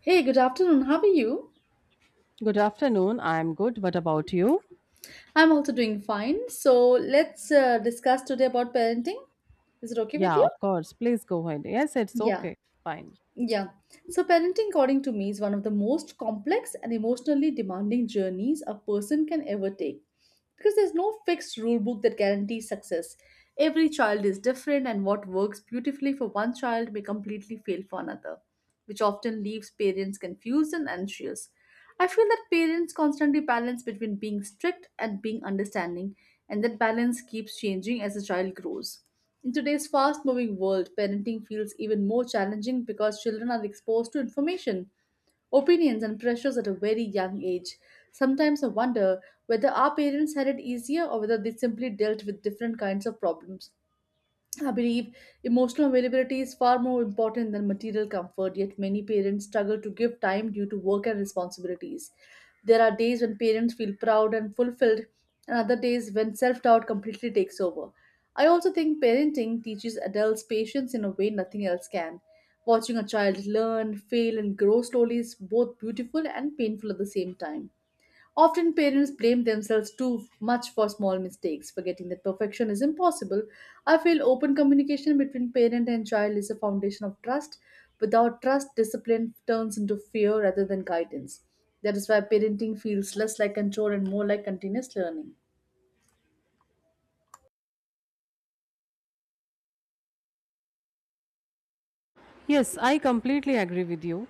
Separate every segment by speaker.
Speaker 1: Hey, good afternoon. How are you?
Speaker 2: Good afternoon. I'm good. What about you?
Speaker 1: I'm also doing fine. So let's discuss today about parenting. Is it okay with
Speaker 2: Yeah,
Speaker 1: you?
Speaker 2: of course. Please go ahead. Yes, it's
Speaker 1: Yeah.
Speaker 2: okay. Fine.
Speaker 1: Yeah. So, parenting, according to me, is one of the most complex and emotionally demanding journeys a person can ever take because there's no fixed rule book that guarantees success. Every child is different, and what works beautifully for one child may completely fail for another, which often leaves parents confused and anxious. I feel that parents constantly balance between being strict and being understanding, and that balance keeps changing as the child grows. In today's fast moving world, parenting feels even more challenging because children are exposed to information, opinions, and pressures at a very young age. Sometimes I wonder whether our parents had it easier or whether they simply dealt with different kinds of problems. I believe emotional availability is far more important than material comfort, yet, many parents struggle to give time due to work and responsibilities. There are days when parents feel proud and fulfilled, and other days when self doubt completely takes over. I also think parenting teaches adults patience in a way nothing else can. Watching a child learn, fail, and grow slowly is both beautiful and painful at the same time. Often parents blame themselves too much for small mistakes, forgetting that perfection is impossible. I feel open communication between parent and child is a foundation of trust. Without trust, discipline turns into fear rather than guidance. That is why parenting feels less like control and more like continuous learning.
Speaker 2: Yes, I completely agree with you.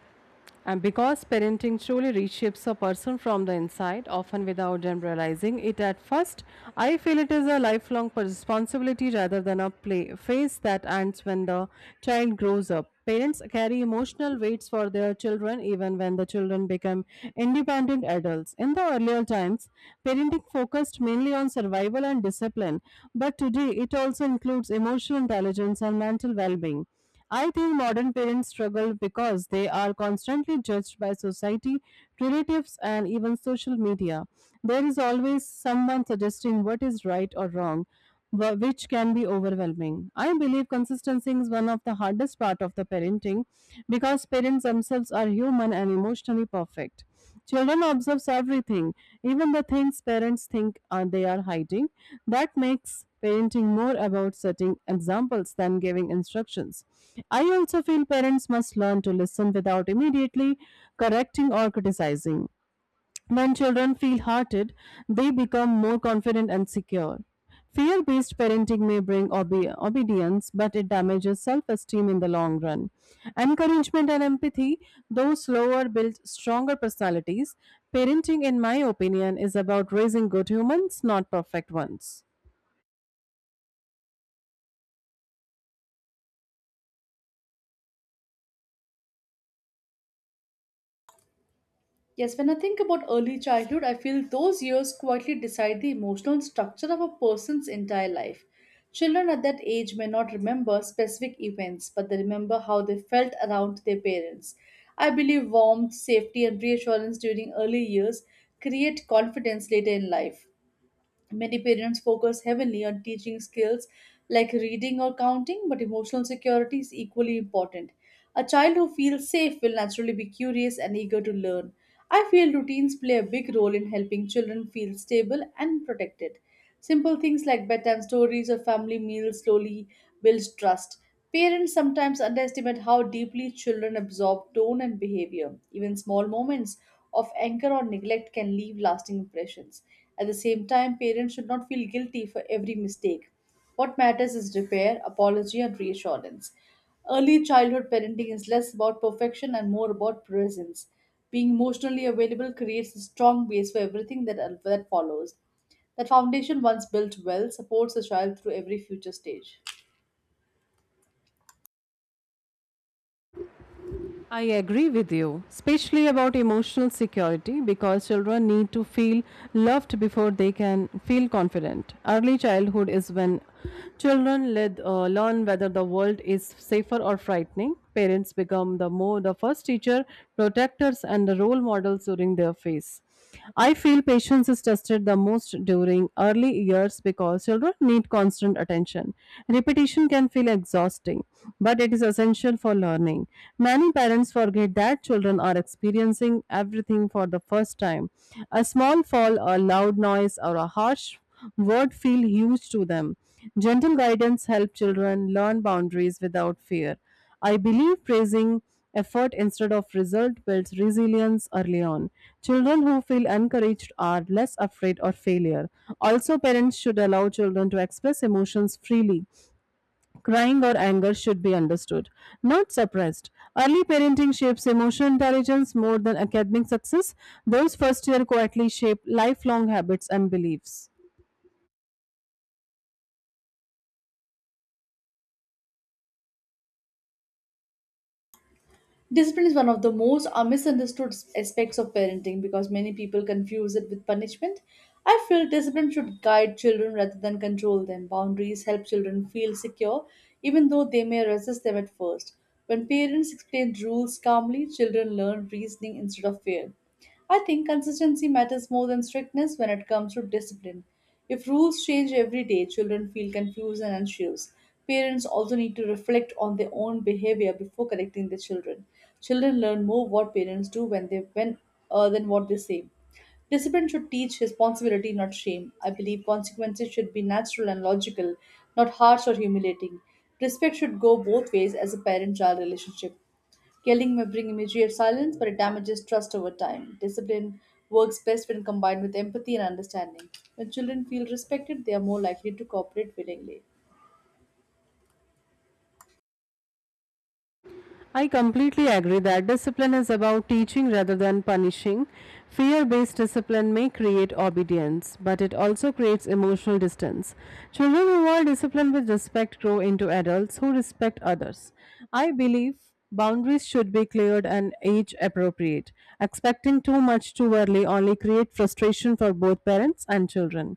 Speaker 2: And because parenting truly reshapes a person from the inside, often without them realizing it at first, I feel it is a lifelong responsibility rather than a play phase that ends when the child grows up. Parents carry emotional weights for their children even when the children become independent adults. In the earlier times, parenting focused mainly on survival and discipline, but today it also includes emotional intelligence and mental well being. I think modern parents struggle because they are constantly judged by society, relatives, and even social media. There is always someone suggesting what is right or wrong, which can be overwhelming. I believe consistency is one of the hardest part of the parenting because parents themselves are human and emotionally perfect. Children observe everything, even the things parents think they are hiding. That makes parenting more about setting examples than giving instructions. I also feel parents must learn to listen without immediately correcting or criticizing. When children feel hearted, they become more confident and secure. Fear based parenting may bring obedience, but it damages self esteem in the long run. Encouragement and empathy, though slower, build stronger personalities. Parenting, in my opinion, is about raising good humans, not perfect ones.
Speaker 1: Yes, when I think about early childhood, I feel those years quietly decide the emotional structure of a person's entire life. Children at that age may not remember specific events, but they remember how they felt around their parents. I believe warmth, safety, and reassurance during early years create confidence later in life. Many parents focus heavily on teaching skills like reading or counting, but emotional security is equally important. A child who feels safe will naturally be curious and eager to learn. I feel routines play a big role in helping children feel stable and protected. Simple things like bedtime stories or family meals slowly build trust. Parents sometimes underestimate how deeply children absorb tone and behavior. Even small moments of anger or neglect can leave lasting impressions. At the same time, parents should not feel guilty for every mistake. What matters is repair, apology, and reassurance. Early childhood parenting is less about perfection and more about presence. Being emotionally available creates a strong base for everything that follows. That foundation, once built well, supports a child through every future stage.
Speaker 2: I agree with you, especially about emotional security because children need to feel loved before they can feel confident. Early childhood is when children learn whether the world is safer or frightening. Parents become the more the first teacher, protectors, and the role models during their phase. I feel patience is tested the most during early years because children need constant attention. Repetition can feel exhausting, but it is essential for learning. Many parents forget that children are experiencing everything for the first time. A small fall, a loud noise, or a harsh word feel huge to them. Gentle guidance helps children learn boundaries without fear. I believe praising effort instead of result builds resilience early on. Children who feel encouraged are less afraid of failure. Also, parents should allow children to express emotions freely. Crying or anger should be understood, not suppressed. Early parenting shapes emotional intelligence more than academic success. Those first year quietly shape lifelong habits and beliefs.
Speaker 1: Discipline is one of the most misunderstood aspects of parenting because many people confuse it with punishment. I feel discipline should guide children rather than control them. Boundaries help children feel secure, even though they may resist them at first. When parents explain rules calmly, children learn reasoning instead of fear. I think consistency matters more than strictness when it comes to discipline. If rules change every day, children feel confused and anxious. Parents also need to reflect on their own behavior before correcting their children. Children learn more what parents do when they when than what they say. Discipline should teach responsibility, not shame. I believe consequences should be natural and logical, not harsh or humiliating. Respect should go both ways as a parent child relationship. Yelling may bring immediate silence, but it damages trust over time. Discipline works best when combined with empathy and understanding. When children feel respected, they are more likely to cooperate willingly.
Speaker 2: I completely agree that discipline is about teaching rather than punishing. Fear based discipline may create obedience, but it also creates emotional distance. Children who are disciplined with respect grow into adults who respect others. I believe boundaries should be cleared and age appropriate. Expecting too much too early only creates frustration for both parents and children.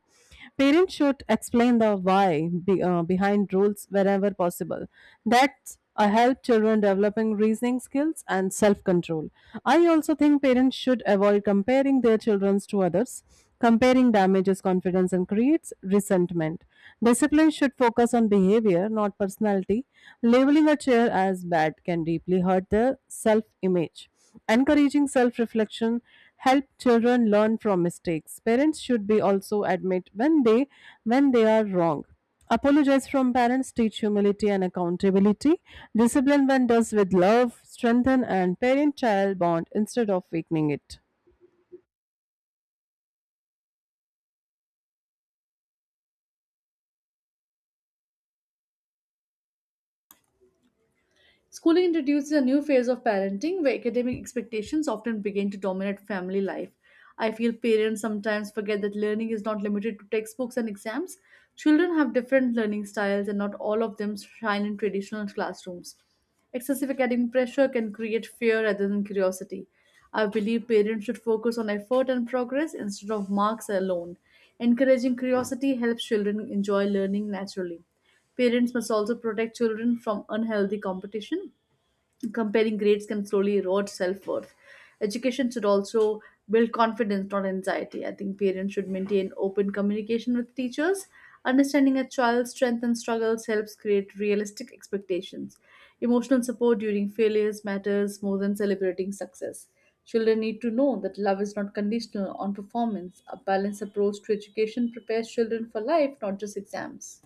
Speaker 2: Parents should explain the why behind rules wherever possible. That's help children developing reasoning skills and self-control. I also think parents should avoid comparing their children to others. Comparing damages confidence and creates resentment. Discipline should focus on behavior, not personality. Labeling a chair as bad can deeply hurt their self image. Encouraging self reflection help children learn from mistakes. Parents should be also admit when they are wrong. Apologize from parents teach humility and accountability. Discipline when does with love, strengthen and parent child bond instead of weakening it.
Speaker 1: Schooling introduces a new phase of parenting where academic expectations often begin to dominate family life. I feel parents sometimes forget that learning is not limited to textbooks and exams. Children have different learning styles, and not all of them shine in traditional classrooms. Excessive academic pressure can create fear rather than curiosity. I believe parents should focus on effort and progress instead of marks alone. Encouraging curiosity helps children enjoy learning naturally. Parents must also protect children from unhealthy competition. Comparing grades can slowly erode self worth. Education should also build confidence, not anxiety. I think parents should maintain open communication with teachers. Understanding a child's strengths and struggles helps create realistic expectations. Emotional support during failures matters more than celebrating success. Children need to know that love is not conditional on performance. A balanced approach to education prepares children for life, not just exams.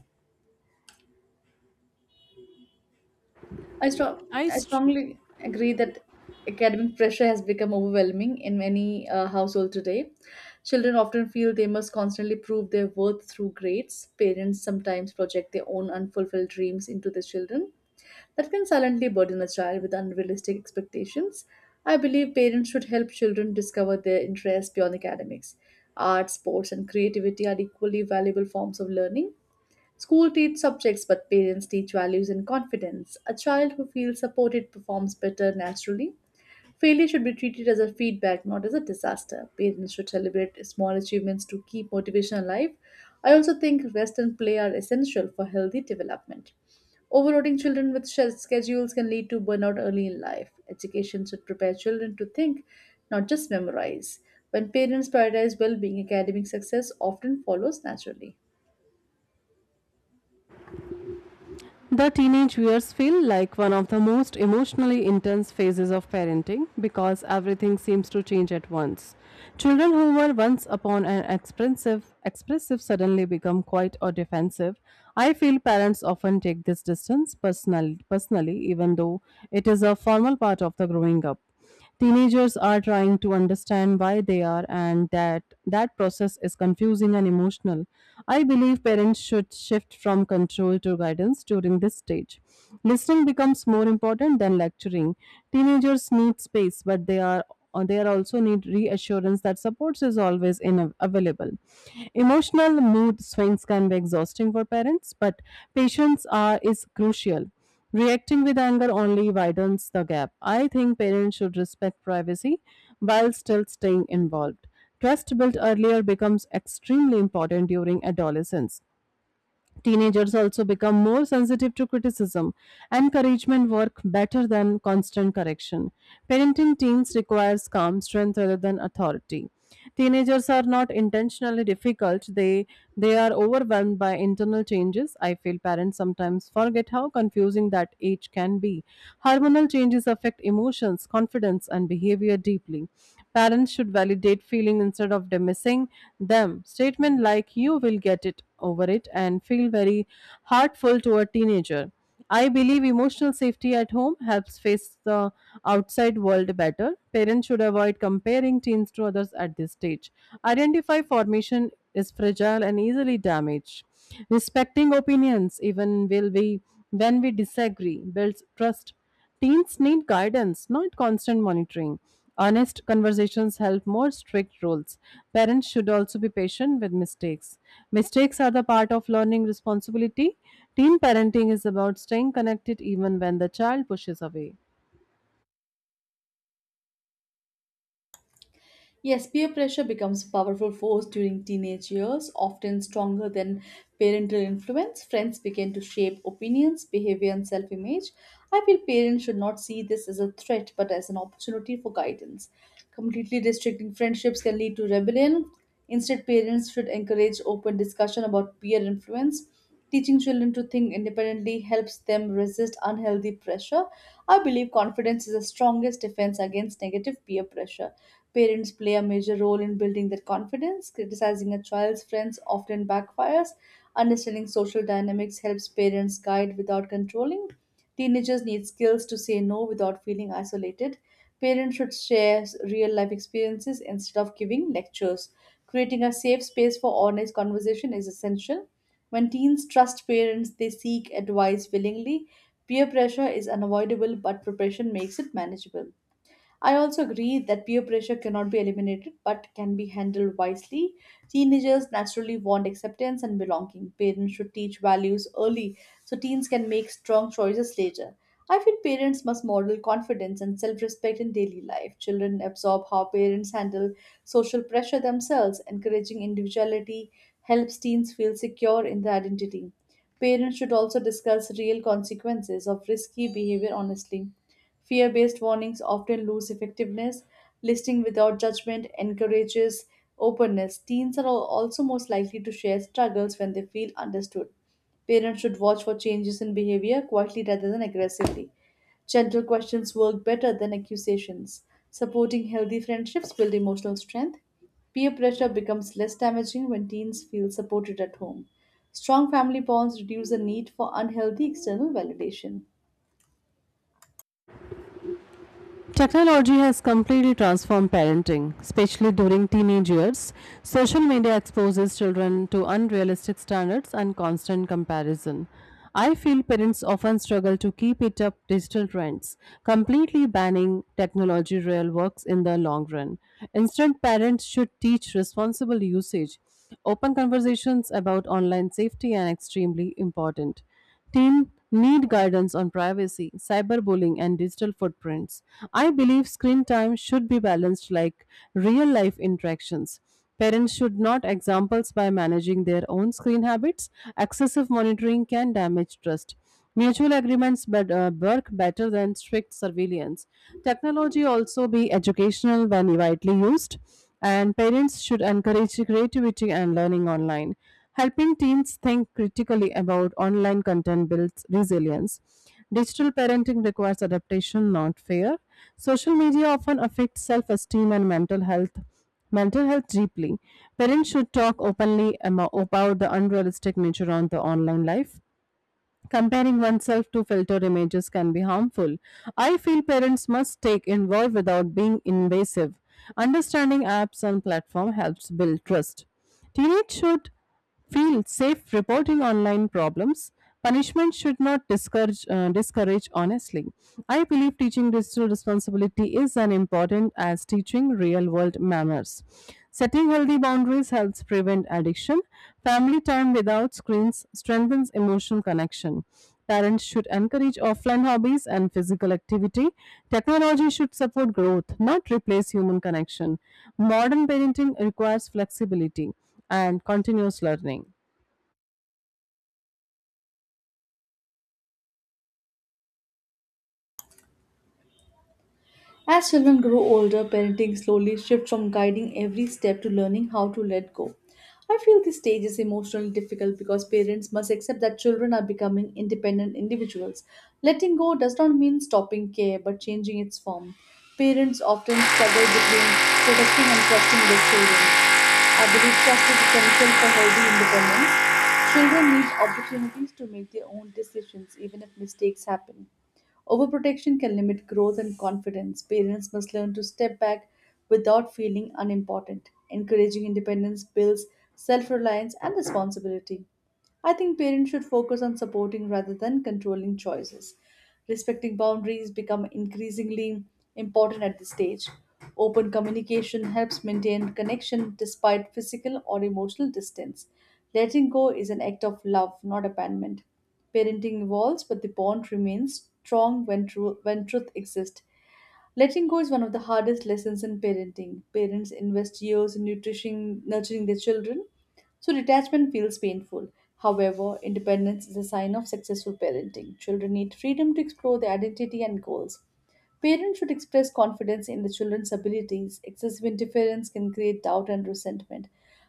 Speaker 1: I, strong,
Speaker 2: I
Speaker 1: I
Speaker 2: str-
Speaker 1: strongly agree that academic pressure has become overwhelming in many households today. Children often feel they must constantly prove their worth through grades. Parents sometimes project their own unfulfilled dreams into their children. That can silently burden a child with unrealistic expectations. I believe parents should help children discover their interests beyond academics. Art, sports, and creativity are equally valuable forms of learning. School teach subjects, but parents teach values and confidence. A child who feels supported performs better naturally. Failure should be treated as a feedback, not as a disaster. Parents should celebrate small achievements to keep motivation alive. I also think rest and play are essential for healthy development. Overloading children with schedules can lead to burnout early in life. Education should prepare children to think, not just memorize. When parents prioritize well being, academic success often follows naturally.
Speaker 2: The teenage years feel like one of the most emotionally intense phases of parenting because everything seems to change at once. Children who were once upon an expressive suddenly become quiet or defensive. I feel parents often take this distance personally, even though it is a formal part of the growing up. Teenagers are trying to understand why they are and that process is confusing and emotional. I believe parents should shift from control to guidance during this stage. Listening becomes more important than lecturing. Teenagers need space, but they are also need reassurance that supports is always in available. Emotional mood swings can be exhausting for parents, but is crucial. Reacting with anger only widens the gap. I think parents should respect privacy while still staying involved. Trust built earlier becomes extremely important during adolescence. Teenagers also become more sensitive to criticism. Encouragement work better than constant correction. Parenting teens requires calm strength rather than authority. Teenagers are not intentionally difficult. They are overwhelmed by internal changes. I feel parents sometimes forget how confusing that age can be. Hormonal changes affect emotions, confidence and behavior deeply. Parents should validate feelings instead of dismissing them. Statement like you will get it over it and feel very hurtful to a teenager. I believe emotional safety at home helps face the outside world better. Parents should avoid comparing teens to others at this stage. Identify formation is fragile and easily damaged. Respecting opinions, even will we when we disagree, builds trust. Teens need guidance, not constant monitoring. Honest conversations help more strict rules. Parents should also be patient with mistakes. Mistakes are the part of learning responsibility. Teen parenting is about staying connected even when the child pushes away.
Speaker 1: Yes, peer pressure becomes a powerful force during teenage years, often stronger than parental influence. Friends begin to shape opinions, behavior, and self image. I feel parents should not see this as a threat but as an opportunity for guidance. Completely restricting friendships can lead to rebellion. Instead, parents should encourage open discussion about peer influence. Teaching children to think independently helps them resist unhealthy pressure. I believe confidence is the strongest defense against negative peer pressure. Parents play a major role in building their confidence. Criticizing a child's friends often backfires. Understanding social dynamics helps parents guide without controlling. Teenagers need skills to say no without feeling isolated. Parents should share real life experiences instead of giving lectures. Creating a safe space for honest conversation is essential. When teens trust parents, they seek advice willingly. Peer pressure is unavoidable, but preparation makes it manageable. I also agree that peer pressure cannot be eliminated but can be handled wisely. Teenagers naturally want acceptance and belonging. Parents should teach values early so teens can make strong choices later. I feel parents must model confidence and self respect in daily life. Children absorb how parents handle social pressure themselves. Encouraging individuality helps teens feel secure in their identity. Parents should also discuss real consequences of risky behavior honestly. Fear based warnings often lose effectiveness. Listening without judgment encourages openness. Teens are also most likely to share struggles when they feel understood. Parents should watch for changes in behavior quietly rather than aggressively. Gentle questions work better than accusations. Supporting healthy friendships build emotional strength. Peer pressure becomes less damaging when teens feel supported at home. Strong family bonds reduce the need for unhealthy external validation.
Speaker 2: Technology has completely transformed parenting, especially during teenage years. Social media exposes children to unrealistic standards and constant comparison. I feel parents often struggle to keep it up digital trends. Completely banning technology real works in the long run. Instead, parents should teach responsible usage. Open conversations about online safety are extremely important. Teens need guidance on privacy, cyberbullying, and digital footprints. I believe screen time should be balanced like real life interactions. Parents should not examples by managing their own screen habits. Excessive monitoring can damage trust. Mutual agreements work better than strict surveillance. Technology also be educational when widely used, and parents should encourage creativity and learning online. Helping teens think critically about online content builds resilience. Digital parenting requires adaptation, not fear. Social media often affects self esteem and mental health. Mental health deeply. Parents should talk openly about the unrealistic nature on the online life. Comparing oneself to filtered images can be harmful. I feel parents must take involved without being invasive. Understanding apps and platform helps build trust. Teenage should feel safe reporting online problems. Punishment should not discourage honestly. I believe teaching digital responsibility is as important as teaching real world manners. Setting healthy boundaries helps prevent addiction. Family time without screens strengthens emotional connection. Parents should encourage offline hobbies and physical activity. Technology should support growth, not replace human connection. Modern parenting requires flexibility and continuous learning.
Speaker 1: As children grow older, parenting slowly shifts from guiding every step to learning how to let go. I feel this stage is emotionally difficult because parents must accept that children are becoming independent individuals. Letting go does not mean stopping care but changing its form. Parents often struggle between protecting and trusting their children. I believe trust is essential for healthy independence. Children need opportunities to make their own decisions even if mistakes happen. Overprotection can limit growth and confidence. Parents must learn to step back without feeling unimportant. Encouraging independence builds self reliance and responsibility. I think parents should focus on supporting rather than controlling choices. Respecting boundaries become increasingly important at this stage. Open communication helps maintain connection despite physical or emotional distance. Letting go is an act of love, not abandonment. Parenting evolves, but the bond remains strong when truth exists. Letting go is one of the hardest lessons in parenting. Parents invest years in nutrition, nurturing their children, so detachment feels painful. However, independence is a sign of successful parenting. Children need freedom to explore their identity and goals. Parents should express confidence in the children's abilities. Excessive interference can create doubt and resentment.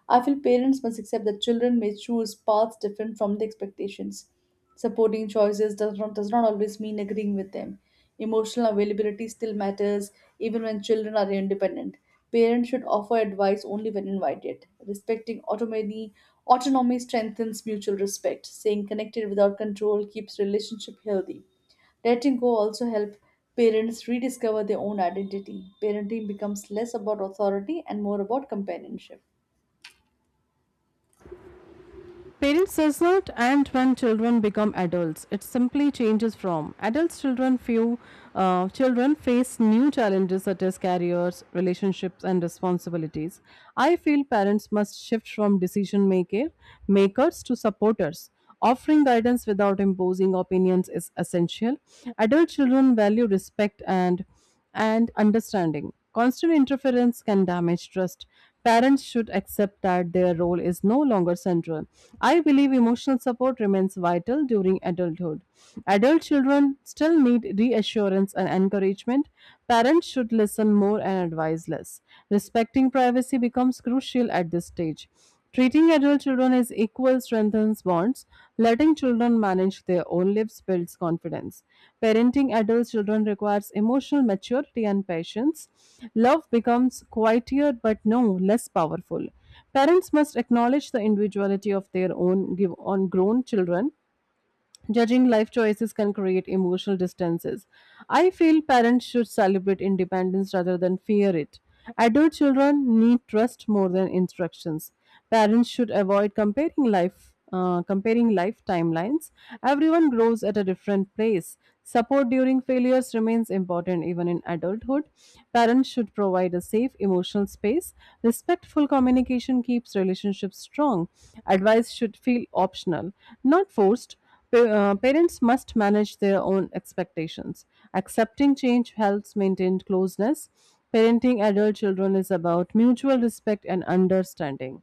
Speaker 1: I feel parents must accept that children may choose paths different from the expectations. Supporting choices does not always mean agreeing with them. Emotional availability still matters even when children are independent. Parents should offer advice only when invited. Respecting autonomy strengthens mutual respect. Staying connected without control keeps relationship healthy. Letting go also help parents rediscover their own identity. Parenting becomes less about authority and more about companionship.
Speaker 2: Parents does not end when children become adults. It simply changes from adults children face new challenges such as careers, relationships and responsibilities. I feel parents must shift from decision maker makers to supporters. Offering guidance without imposing opinions is essential. Adult children value respect and understanding. Constant interference can damage trust. Parents should accept that their role is no longer central. I believe emotional support remains vital during adulthood. Adult children still need reassurance and encouragement. Parents should listen more and advise less. Respecting privacy becomes crucial at this stage. Treating adult children as equal strengthens bonds. Letting children manage their own lives builds confidence. Parenting adult children requires emotional maturity and patience. Love becomes quieter but no less powerful. Parents must acknowledge the individuality of their own give on grown children. Judging life choices can create emotional distances. I feel parents should celebrate independence rather than fear it. Adult children need trust more than instructions. Parents should avoid comparing life timelines. Everyone grows at a different pace. Support during failures remains important even in adulthood. Parents should provide a safe emotional space. Respectful communication keeps relationships strong. Advice should feel optional, not forced. Parents must manage their own expectations. Accepting change helps maintain closeness. Parenting adult children is about mutual respect and understanding.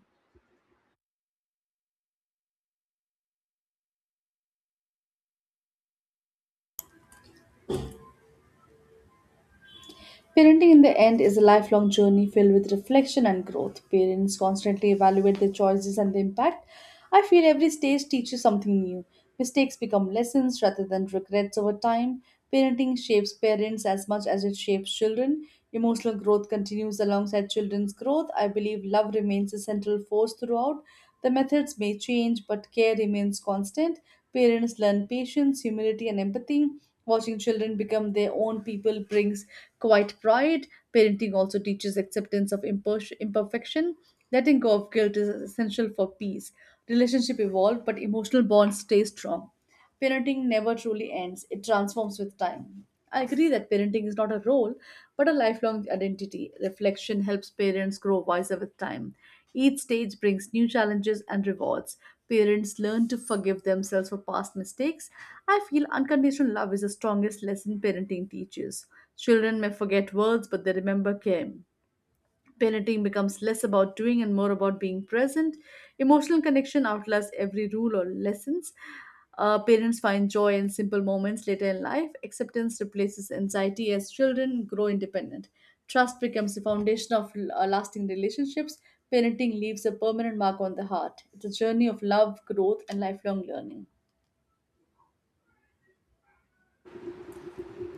Speaker 1: Parenting in the end is a lifelong journey filled with reflection and growth. Parents constantly evaluate their choices and the impact. I feel every stage teaches something new. Mistakes become lessons rather than regrets over time. Parenting shapes parents as much as it shapes children. Emotional growth continues alongside children's growth. I believe love remains a central force throughout. The methods may change, but care remains constant. Parents learn patience, humility, and empathy. Watching children become their own people brings quite pride. Parenting also teaches acceptance of imperfection. Letting go of guilt is essential for peace. Relationship evolve, but emotional bonds stay strong. Parenting never truly ends, it transforms with time. I agree that parenting is not a role, but a lifelong identity. Reflection helps parents grow wiser with time. Each stage brings new challenges and rewards. Parents learn to forgive themselves for past mistakes. I feel unconditional love is the strongest lesson parenting teaches. Children may forget words, but they remember care. Parenting becomes less about doing and more about being present. Emotional connection outlasts every rule or lessons. Parents find joy in simple moments later in life. Acceptance replaces anxiety as children grow independent. Trust becomes the foundation of lasting relationships. Parenting leaves a permanent mark on the heart. It's a journey of love, growth, and lifelong learning.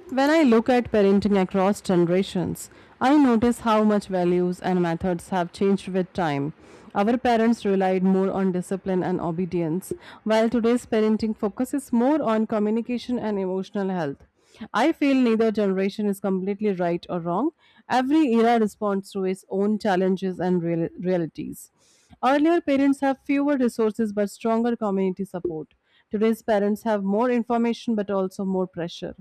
Speaker 2: When I look at parenting across generations, I notice how much values and methods have changed with time. Our parents relied more on discipline and obedience, while today's parenting focuses more on communication and emotional health. I feel neither generation is completely right or wrong. Every era responds to its own challenges and realities. Earlier, parents have fewer resources but stronger community support. Today's parents have more information but also more pressure.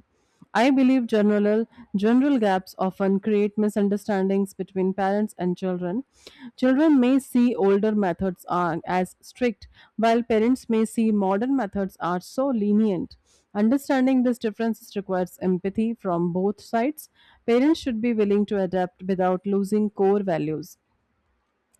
Speaker 2: I believe general gaps often create misunderstandings between parents and children. Children may see older methods are as strict, while parents may see modern methods are so lenient. Understanding this difference requires empathy from both sides. Parents should be willing to adapt without losing core values.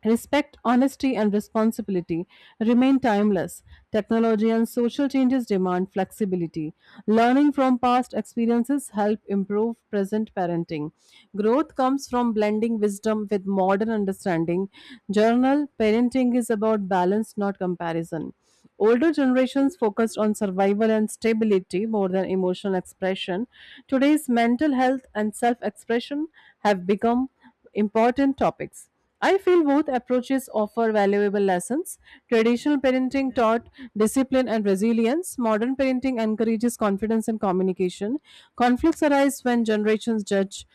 Speaker 2: Respect, honesty, and responsibility remain timeless. Technology and social changes demand flexibility. Learning from past experiences help improve present parenting. Growth comes from blending wisdom with modern understanding. Journal parenting is about balance, not comparison. Older generations focused on survival and stability more than emotional expression. Today's mental health and self expression have become important topics. I feel both approaches offer valuable lessons. Traditional parenting taught discipline and resilience. Modern parenting encourages confidence and communication. Conflicts arise when generations judge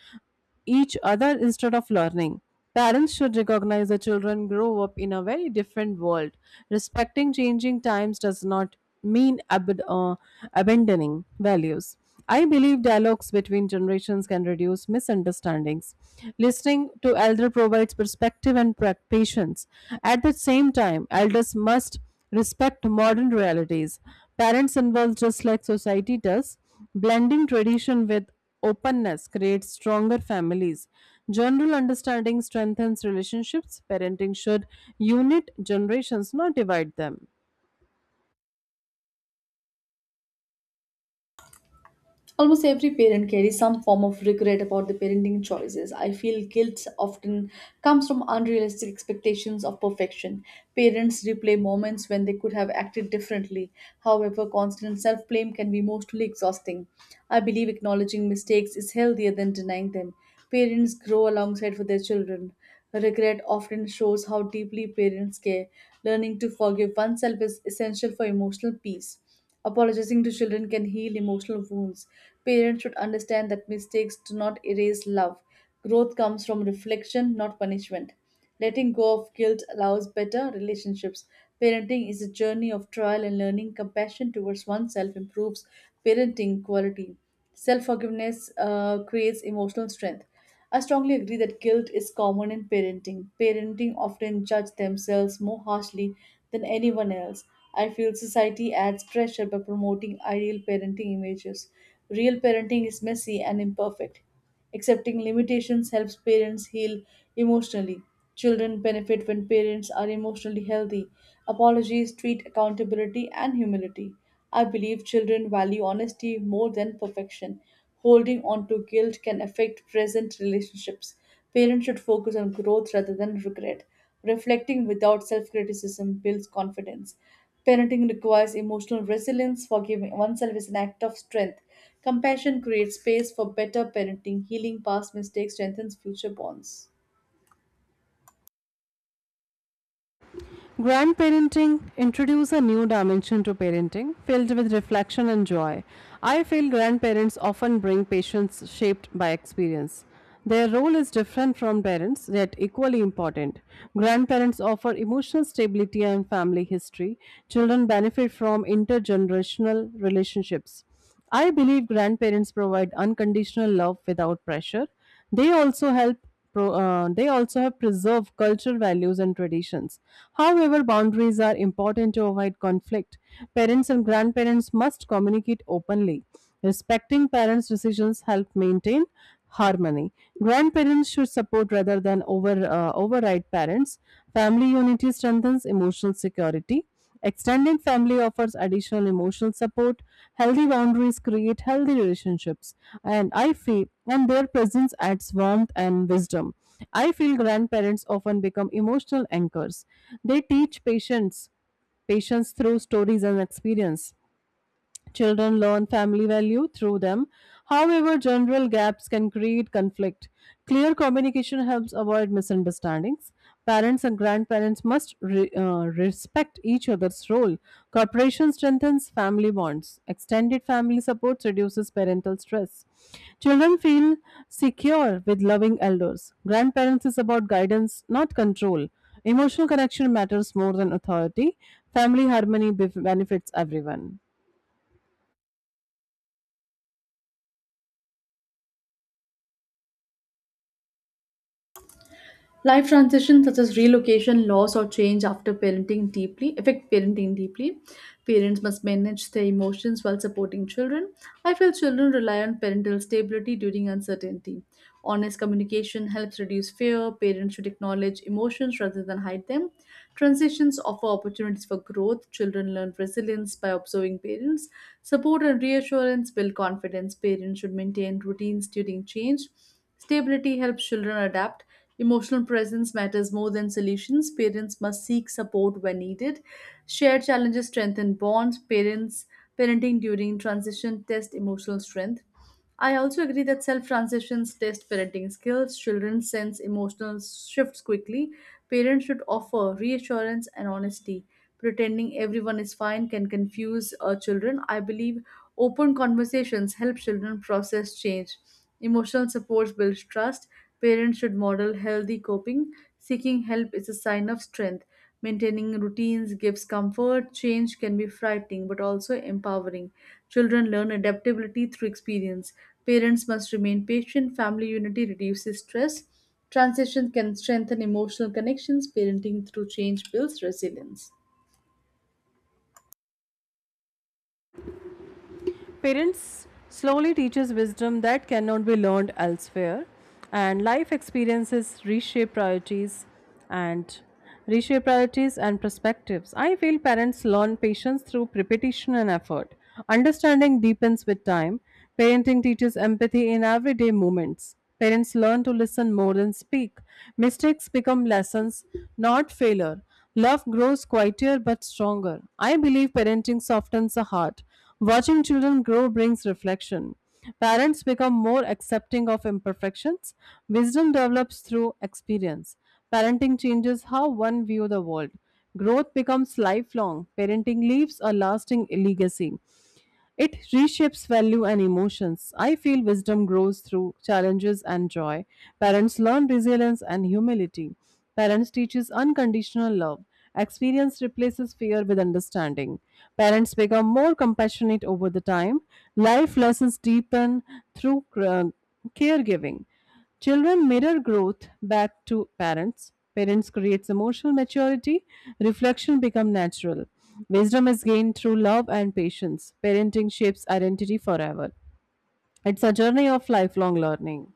Speaker 2: each other instead of learning. Parents should recognize that children grow up in a very different world. Respecting changing times does not mean abandoning values. I believe dialogues between generations can reduce misunderstandings. Listening to elder provides perspective and patience. At the same time, elders must respect modern realities. Parents involve just like society does. Blending tradition with openness creates stronger families. General understanding strengthens relationships. Parenting should unite generations, not divide them.
Speaker 1: Almost every parent carries some form of regret about their parenting choices. I feel guilt often comes from unrealistic expectations of perfection. Parents replay moments when they could have acted differently. However, constant self blame can be mostly exhausting. I believe acknowledging mistakes is healthier than denying them. Parents grow alongside with their children. Regret often shows how deeply parents care. Learning to forgive oneself is essential for emotional peace. Apologizing to children can heal emotional wounds. Parents should understand that mistakes do not erase love. Growth comes from reflection, not punishment. Letting go of guilt allows better relationships. Parenting is a journey of trial and learning. Compassion towards oneself improves parenting quality. Self forgiveness creates emotional strength. I strongly agree that guilt is common in parenting. Parenting often judge themselves more harshly than anyone else. I feel society adds pressure by promoting ideal parenting images. Real parenting is messy and imperfect. Accepting limitations helps parents heal emotionally. Children benefit when parents are emotionally healthy. Apologies treat accountability and humility. I believe children value honesty more than perfection. Holding on to guilt can affect present relationships. Parents should focus on growth rather than regret. Reflecting without self criticism builds confidence. Parenting requires emotional resilience. Forgiving oneself is an act of strength. Compassion creates space for better parenting. Healing past mistakes strengthens future bonds.
Speaker 2: Grandparenting introduces a new dimension to parenting, filled with reflection and joy. I feel grandparents often bring patients shaped by experience. Their role is different from parents, yet equally important. Grandparents offer emotional stability and family history. Children benefit from intergenerational relationships. I believe grandparents provide unconditional love without pressure. They also help. They also have preserved cultural values and traditions. However, boundaries are important to avoid conflict. Parents and grandparents must communicate openly. Respecting parents' decisions help maintain harmony. Grandparents should support rather than override parents. Family unity strengthens emotional security. Extended family offers additional emotional support. Healthy boundaries create healthy relationships, and I feel and their presence adds warmth and wisdom. I feel grandparents often become emotional anchors. They teach patience through stories and experience. Children learn family value through them. However, general gaps can create conflict. Clear communication helps avoid misunderstandings. Parents and grandparents must respect each other's role. Cooperation strengthens family bonds. Extended family support reduces parental stress. Children feel secure with loving elders. Grandparents is about guidance, not control. Emotional connection matters more than authority. Family harmony benefits everyone.
Speaker 1: Life transitions such as relocation, loss, or change after parenting deeply affect parenting deeply. Parents must manage their emotions while supporting children. I feel children rely on parental stability during uncertainty. Honest communication helps reduce fear. Parents should acknowledge emotions rather than hide them. Transitions offer opportunities for growth. Children learn resilience by observing parents. Support and reassurance build confidence. Parents should maintain routines during change. Stability helps children adapt. Emotional presence matters more than solutions. Parents must seek support when needed. Shared challenges strengthen bonds. Parents Parenting during transition test emotional strength. I also agree that self transitions test parenting skills. Children sense emotional shifts quickly. Parents should offer reassurance and honesty. Pretending everyone is fine can confuse children. I believe open conversations help children process change. Emotional support builds trust. Parents should model healthy coping. Seeking help is a sign of strength. Maintaining routines gives comfort. Change can be frightening but also empowering. Children learn adaptability through experience. Parents must remain patient. Family unity reduces stress. Transition can strengthen emotional connections. Parenting through change builds resilience.
Speaker 2: Parents slowly teaches wisdom that cannot be learned elsewhere, and life experiences and reshape priorities and perspectives. I feel parents learn patience through repetition and effort. Understanding deepens with time. Parenting teaches empathy in everyday moments. Parents learn to listen more than speak. Mistakes become lessons, not failure. Love grows quieter but stronger. I believe parenting softens the heart. Watching children grow brings reflection. Parents become more accepting of imperfections. Wisdom develops through experience. Parenting changes how one views the world. Growth becomes lifelong. Parenting leaves a lasting legacy. It reshapes value and emotions. I feel wisdom grows through challenges and joy. Parents learn resilience and humility. Parents teaches unconditional love. Experience replaces fear with understanding. Parents become more compassionate over the time. Life lessons deepen through caregiving. Children mirror growth back to parents. Parents creates emotional maturity. Reflection become natural. Wisdom is gained through love and patience. Parenting shapes identity forever. It's a journey of lifelong learning.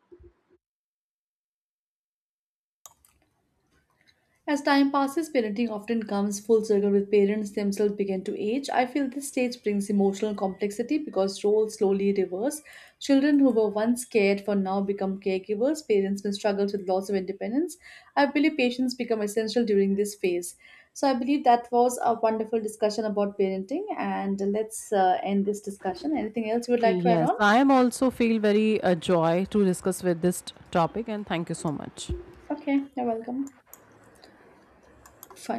Speaker 1: As time passes, parenting often comes full circle with parents themselves begin to age. I feel this stage brings emotional complexity because roles slowly reverse. Children who were once cared for now become caregivers. Parents may struggle with loss of independence. I believe patients become essential during this phase. So I believe that was a wonderful discussion about parenting, and let's end this discussion. Anything else you would like to add
Speaker 2: Yes,
Speaker 1: on?
Speaker 2: I am also feel very joy to discuss with this topic and thank you so much.
Speaker 1: Okay, you're welcome. Fine.